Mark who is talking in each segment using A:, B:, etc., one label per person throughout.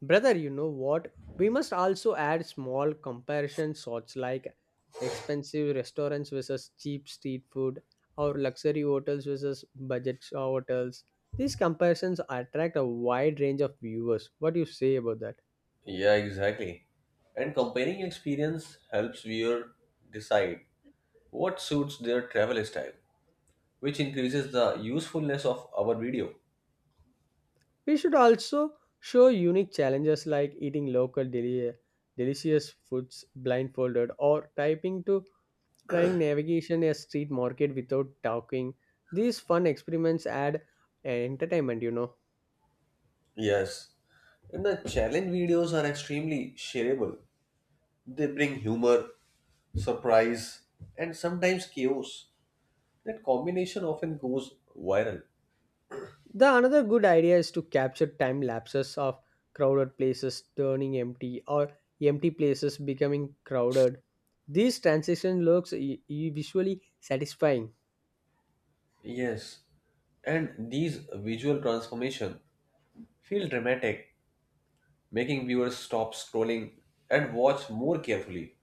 A: Brother, you know what? We must also add small comparison shots like expensive restaurants versus cheap street food or luxury hotels versus budget hotels. These comparisons attract a wide range of viewers. What do you say about that?
B: Yeah, exactly. And comparing experience helps viewer decide what suits their travel style, which increases the usefulness of our video.
A: We should also show unique challenges like eating local delicious foods blindfolded or typing to trying navigation a street market without talking. These fun experiments add entertainment.
B: Yes. And the challenge videos are extremely shareable. They bring humor, surprise, and sometimes chaos. That combination often goes viral.
A: The another good idea is to capture time lapses of crowded places turning empty or empty places becoming crowded. This transition looks visually satisfying.
B: Yes. And these visual transformation feel dramatic, making viewers stop scrolling and watch more carefully.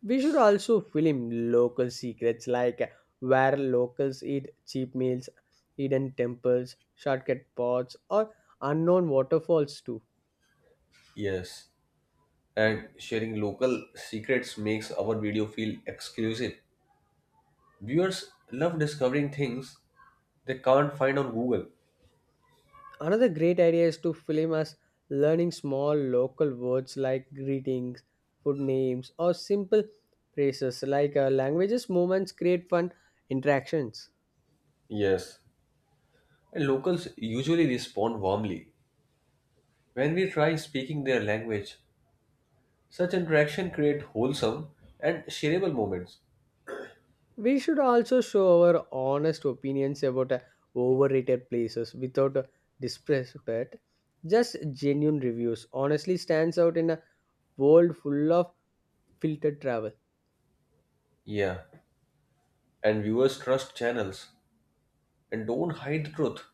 A: We should also film local secrets like where locals eat cheap meals, hidden temples, shortcut paths, or unknown waterfalls too.
B: Yes, and sharing local secrets makes our video feel exclusive. Viewers love discovering things they can't find on Google.
A: Another great idea is to film us learning small local words like greetings, food names, or simple phrases like languages. Moments create fun interactions.
B: Yes, and locals usually respond warmly. When we try speaking their language, such interaction create wholesome and shareable moments.
A: We should also show our honest opinions about overrated places without disrespect. Just genuine reviews honestly stands out in a world full of filtered travel.
B: Yeah, and viewers trust channels and don't hide the truth.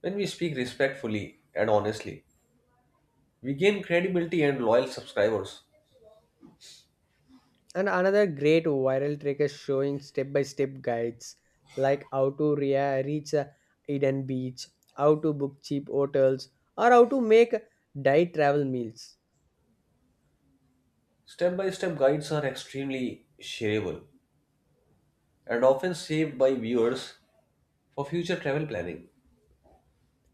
B: When we speak respectfully and honestly, we gain credibility and loyal subscribers.
A: And another great viral trick is showing step by step guides like how to reach a hidden beach, how to book cheap hotels, or how to make diet travel meals.
B: Step by step guides are extremely shareable and often saved by viewers for future travel planning.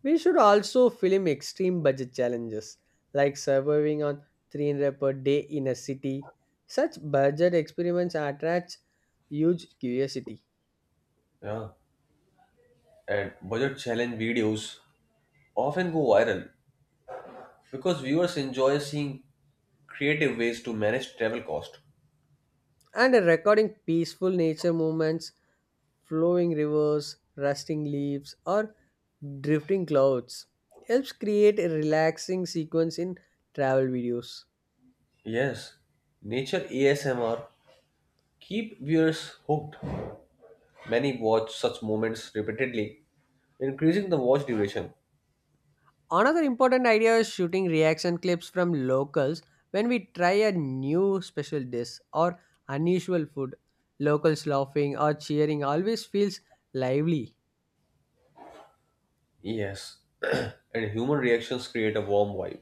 A: We should also film extreme budget challenges like surviving on 300 per day in a city. Such budget experiments attract huge curiosity.
B: Yeah. And budget challenge videos often go viral because viewers enjoy seeing creative ways to manage travel cost.
A: And recording peaceful nature movements flowing rivers, rusting leaves, or drifting clouds helps create a relaxing sequence in travel videos.
B: Yes, nature ASMR keep viewers hooked. Many watch such moments repeatedly, increasing the watch duration.
A: Another important idea is shooting reaction clips from locals when we try a new special dish or unusual food. Locals laughing or cheering always feels lively.
B: Yes, and human reactions create a warm vibe,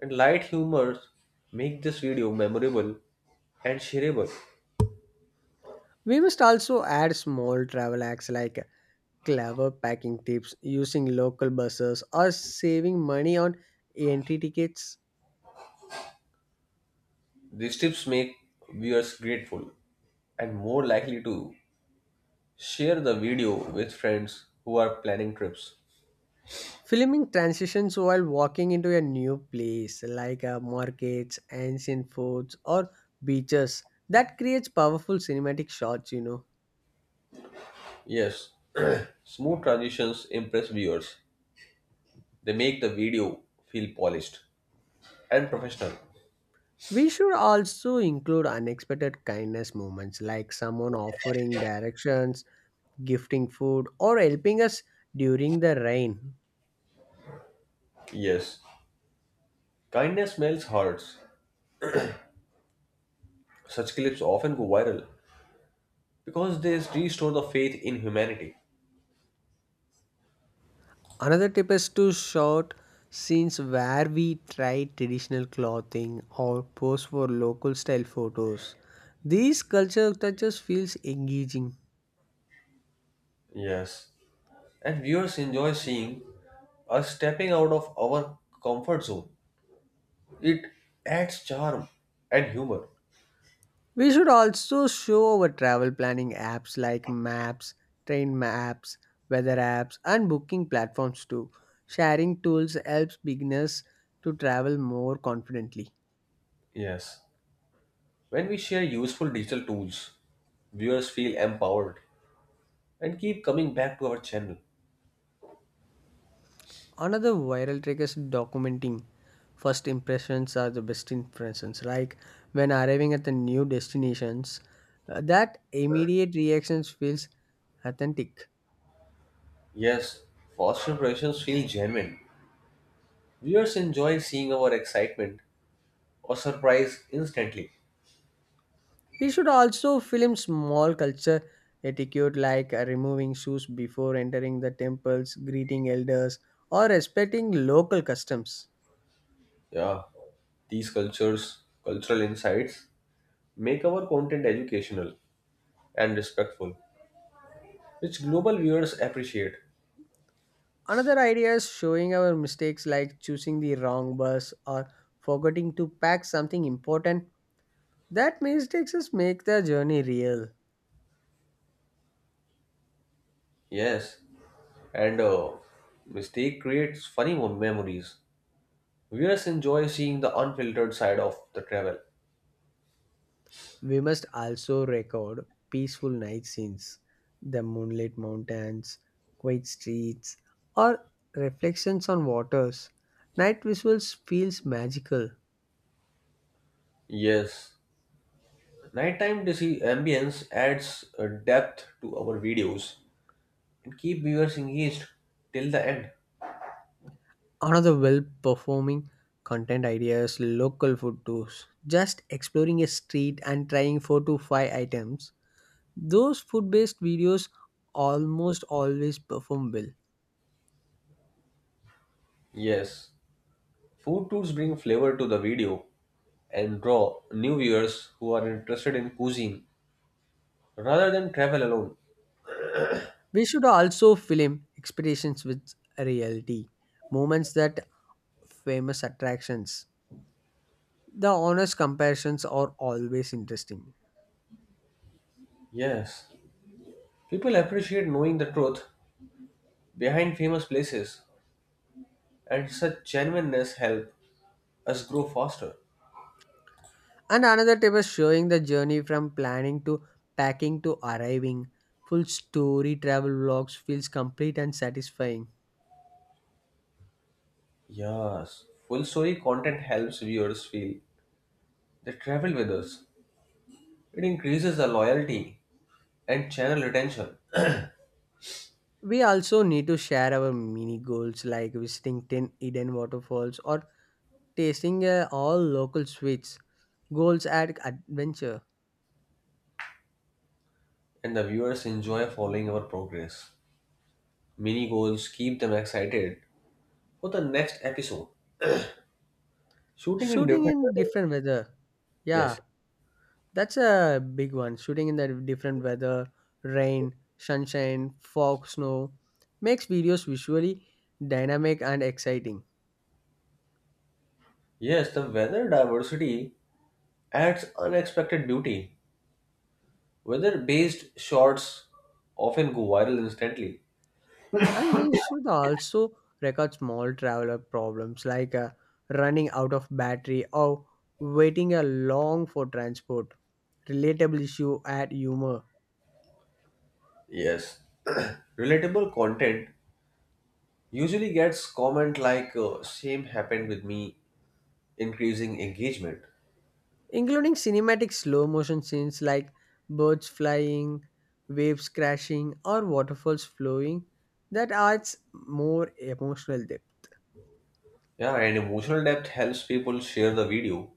B: and light humor make this video memorable and shareable.
A: We must also add small travel acts like clever packing tips, using local buses, or saving money on entry tickets.
B: These tips make viewers grateful and more likely to share the video with friends who are planning trips.
A: Filming transitions while walking into a new place like markets, ancient forts, or beaches that creates powerful cinematic shots.
B: Yes, smooth transitions impress viewers. They make the video feel polished and professional.
A: We should also include unexpected kindness moments like someone offering directions, gifting food, or helping us during the rain.
B: Yes, kindness melts hearts. Such clips often go viral because they restore the faith in humanity.
A: Another tip is to shoot scenes where we try traditional clothing or pose for local style photos. These culture touches feels engaging.
B: Yes, and viewers enjoy seeing us stepping out of our comfort zone. It adds charm and humor.
A: We should also show our travel planning apps like Maps, Train Maps, Weather apps, and booking platforms too. Sharing tools helps beginners to travel more confidently.
B: Yes, when we share useful digital tools, viewers feel empowered and keep coming back to our channel.
A: Another viral trick is documenting. First impressions are the best impressions. Like when arriving at the new destinations, that immediate reactions feels authentic.
B: Yes, first impressions feel genuine. Viewers enjoy seeing our excitement or surprise instantly.
A: We should also film small culture etiquette like removing shoes before entering the temples, greeting elders, or respecting local customs.
B: Yeah, these cultures, cultural insights make our content educational and respectful, which global viewers appreciate.
A: Another idea is showing our mistakes like choosing the wrong bus or forgetting to pack something important. That mistakes us make the journey real.
B: Yes, and mistake creates funny mem- memories. Viewers enjoy seeing the unfiltered side of the travel.
A: We must also record peaceful night scenes, the moonlit mountains, quiet streets, or reflections on waters. Night visuals feels magical.
B: Yes, ambience adds a depth to our videos and keep viewers engaged till the end.
A: Another well-performing content ideas, local food tours. Just exploring a street and trying four to five items. Those food-based videos almost always perform well.
B: Yes, food tours bring flavor to the video and draw new viewers who are interested in cuisine rather than travel alone.
A: We should also film expeditions with reality, moments that famous attractions. The honest comparisons are always interesting.
B: Yes, people appreciate knowing the truth behind famous places, and such genuineness help us grow faster.
A: And another tip is showing the journey from planning to packing to arriving. Full story travel vlogs feels complete and satisfying.
B: Yes, full story content helps viewers feel they travel with us. It increases the loyalty and channel retention,
A: We also need to share our mini goals like visiting 10 hidden waterfalls or tasting all local sweets. Goals add adventure.
B: and the viewers enjoy following our progress. Mini goals keep them excited for the next episode. Shooting in
A: Shooting
B: different
A: in
B: weather.
A: different weather. Yeah,
B: Yes,
A: that's a big one. Shooting in the different weather, rain, sunshine, fog, snow makes videos visually dynamic and exciting.
B: yes, the weather diversity adds unexpected beauty. Weather-based shots often go viral instantly.
A: And we should also record small traveler problems like running out of battery or waiting a long for transport. Relatable issue add humor.
B: Yes, relatable content usually gets comment like same happened with me, increasing engagement.
A: Including cinematic slow motion scenes like birds flying, waves crashing, or waterfalls flowing that adds more emotional depth.
B: Yeah, and emotional depth helps people share the video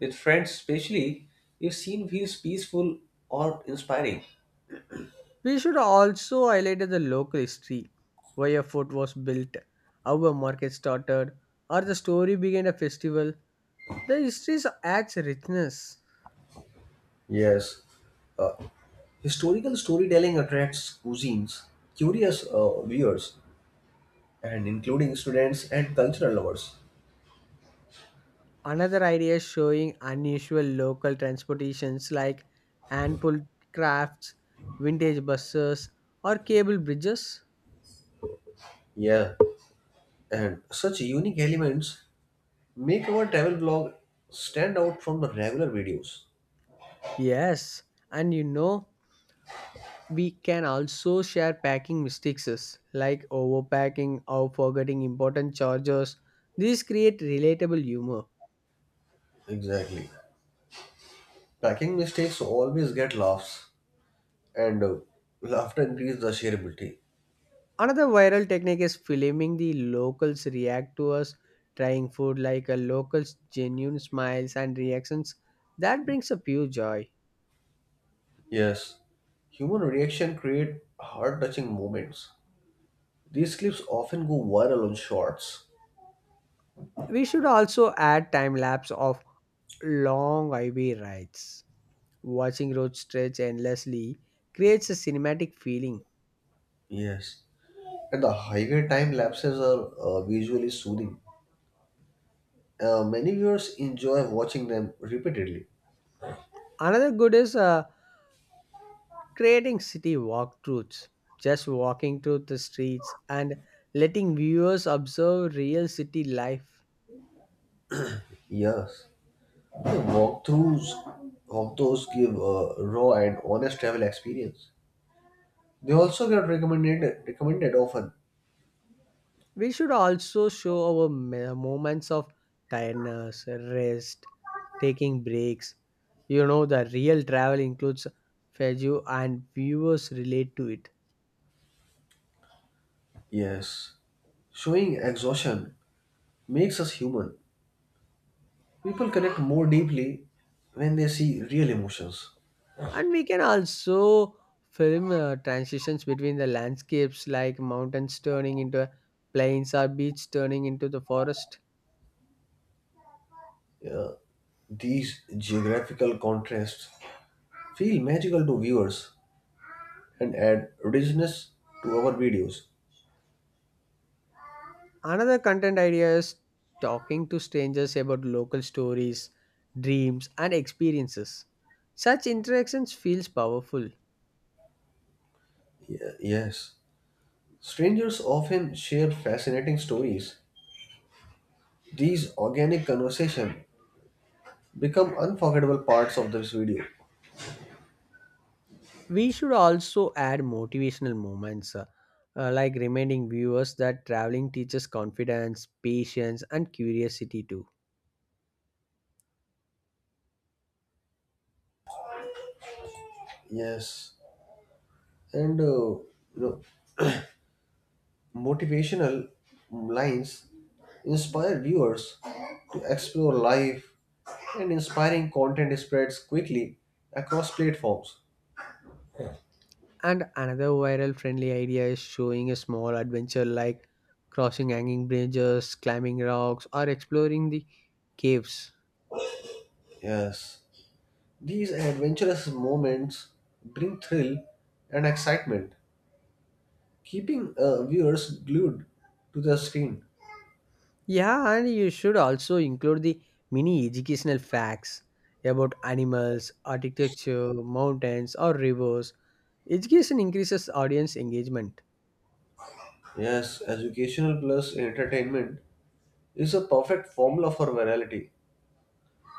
B: with friends, especially if scene feels peaceful or inspiring.
A: We should also highlight the local history, why a fort was built, how a market started, or the story behind a festival. The history adds richness.
B: Yes, historical storytelling attracts cuisines curious viewers, and including students and cultural lovers.
A: Another idea is showing unusual local transportations like hand pulled crafts, vintage buses, or cable bridges.
B: Yeah, and such unique elements make our travel blog stand out from the regular videos.
A: Yes, and we can also share packing mistakes like overpacking or forgetting important chargers. These create relatable humor.
B: Exactly. Packing mistakes always get laughs, and laughter increases the shareability.
A: Another viral technique is filming the locals react to us trying food like a local's genuine smiles and reactions. That brings a pure joy.
B: Yes, human reaction create heart-touching moments. These clips often go viral on shorts.
A: We should also add time lapse of long IV rides. Watching road stretch endlessly creates a cinematic feeling.
B: Yes, and the highway time lapses are visually soothing. Many viewers enjoy watching them repeatedly.
A: Another good is creating city walkthroughs, just walking through the streets and letting viewers observe real city life.
B: Yes, the walkthroughs give a raw and honest travel experience. They also get recommended often.
A: We should also show our moments of tiredness, rest, taking breaks. The real travel includes fatigue, and viewers relate to it.
B: Yes. Showing exhaustion makes us human. People connect more deeply when they see real emotions.
A: And we can also film transitions between the landscapes like mountains turning into plains or beach turning into the forest.
B: Yeah, these geographical contrasts feel magical to viewers and add richness to our videos.
A: Another content idea is talking to strangers about local stories, dreams, and experiences. Such interactions feels powerful.
B: Yes. Strangers often share fascinating stories. These organic conversation become unforgettable parts of this video.
A: We should also add motivational moments like reminding viewers that traveling teaches confidence, patience, and curiosity too.
B: Yes. And know motivational lines inspire viewers to explore life, and inspiring content spreads quickly across platforms.
A: And another viral friendly idea is showing a small adventure like crossing hanging bridges, climbing rocks, or exploring the caves.
B: Yes, these adventurous moments bring thrill and excitement, keeping viewers glued to the screen.
A: Yeah, and you should also include the mini educational facts about animals, architecture, mountains, or rivers. Education increases audience engagement.
B: Yes, educational plus entertainment is a perfect formula for virality.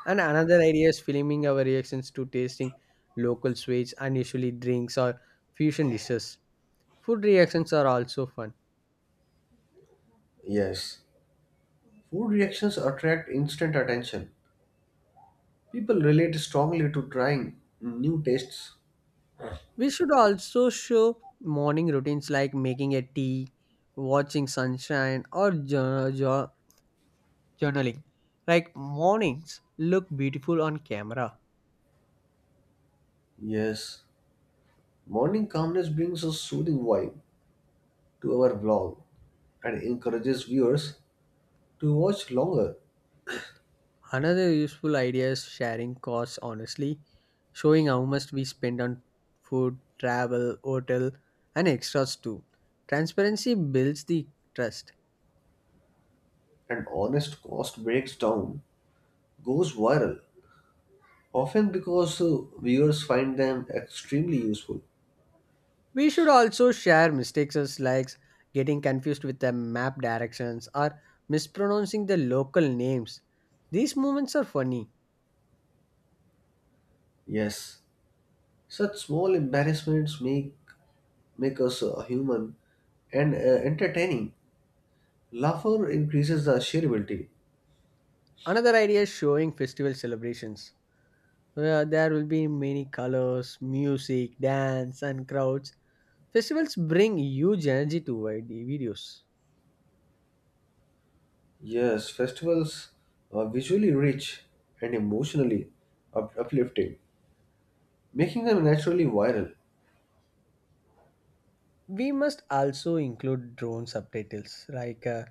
A: And another idea is filming our reactions to tasting local sweets, unusually drinks, or fusion dishes. Food reactions are also fun.
B: Yes, food reactions attract instant attention. People relate strongly to trying new tastes.
A: We should also show morning routines like making a tea, watching sunshine, or journaling. Like mornings look beautiful on camera.
B: Yes, morning calmness brings a soothing vibe to our vlog and encourages viewers to watch longer.
A: Another useful idea is sharing costs honestly, showing how much we spend on food, travel, hotel, and extras too. Transparency builds the trust.
B: An honest cost breaks down goes viral, often because viewers find them extremely useful.
A: We should also share mistakes as likes getting confused with the map directions or mispronouncing the local names. These moments are funny.
B: Yes, such small embarrassments make us human and entertaining. Laughter increases the shareability.
A: Another idea is showing festival celebrations where there will be many colors, music, dance, and crowds. Festivals bring huge energy to videos.
B: Yes, festivals are visually rich and emotionally uplifting, making them naturally viral.
A: We must also include drone subtitles, like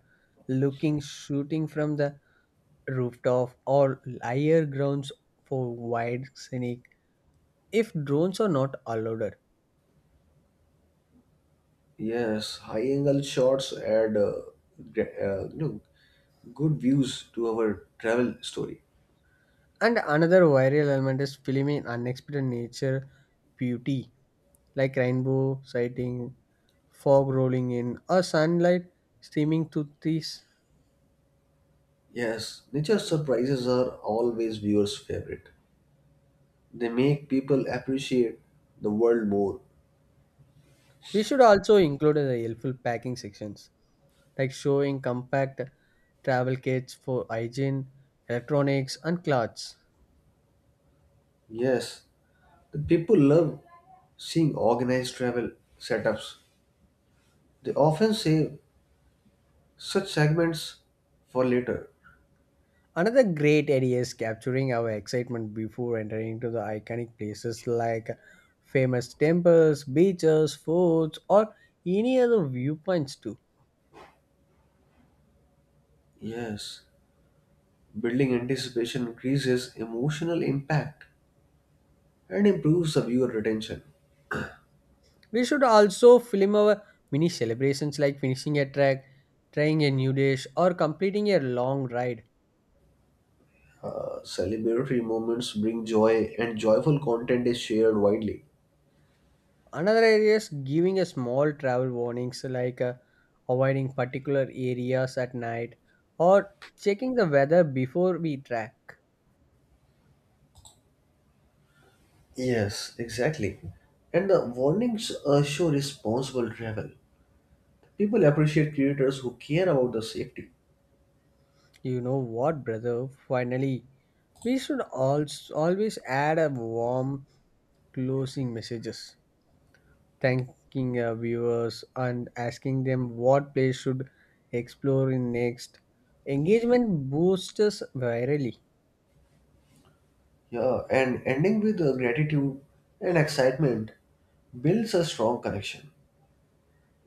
A: looking, shooting from the rooftop or higher grounds for wide scenic. If drones are not allowed,
B: Yes, high-angle shots add gra- uh, you know, good views to our travel story.
A: and another viral element is film in unexpected nature beauty like rainbow sighting, fog rolling in, or sunlight streaming through trees.
B: Yes, nature surprises are always viewers' favorite. They make people appreciate the world more.
A: We should also include the helpful packing sections, like showing compact travel kits for hygiene, electronics, and clothes.
B: Yes, the people love seeing organized travel setups. They often save such segments for later.
A: Another great idea is capturing our excitement before entering into the iconic places like famous temples, beaches, forts, or any other viewpoints too.
B: Yes, building anticipation increases emotional impact and improves the viewer retention.
A: We should also film our mini celebrations like finishing a track, trying a new dish, or completing a long ride.
B: Celebratory moments bring joy, and joyful content is shared widely.
A: Another area is giving a small travel warnings like avoiding particular areas at night or checking the weather before we track.
B: Yes, exactly. And the warnings show responsible travel. People appreciate creators who care about the safety.
A: You know what, brother? Finally, we should also always add a warm closing messages thanking our viewers and asking them what place should explore in next. Engagement boosts virally.
B: Yeah, and ending with gratitude and excitement builds a strong connection.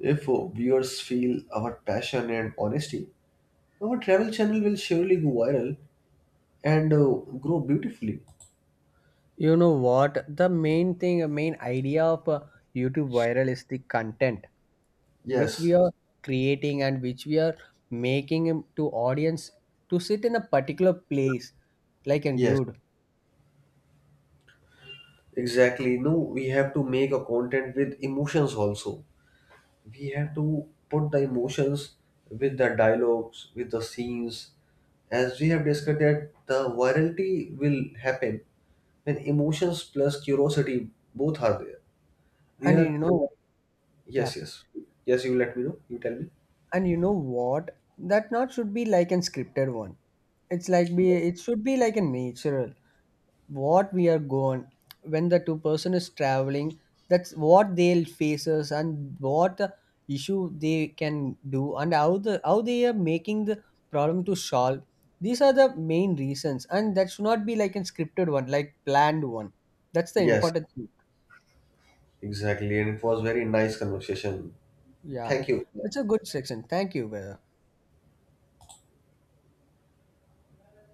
B: If viewers feel our passion and honesty, our travel channel will surely go viral and grow beautifully.
A: You know what? The main thing, main idea of YouTube viral is the content which we
B: Yes,
A: are creating and which we are making him to audience to sit in a particular place like and
B: yes,
A: glued.
B: exactly. No, we have to make a content with emotions also. We have to put the emotions with the dialogues, with the scenes. As we have discussed, that the virality will happen when emotions plus curiosity both are there. We
A: And
B: are providing. Yes,
A: yeah.
B: yes. Yes, you let me know. You tell me.
A: And you know what, that not should be like an scripted one. It's like be it should be like a natural. What we are going when the two person is traveling, that's what they'll faces and what issue they can do and how they are making the problem to solve. These are the main reasons, and that should not be like a scripted one like planned one. That's the
B: Yes,
A: important thing.
B: exactly. And it was very nice conversation.
A: Yeah,
B: Thank you.
A: that's a good section. Thank you, brother.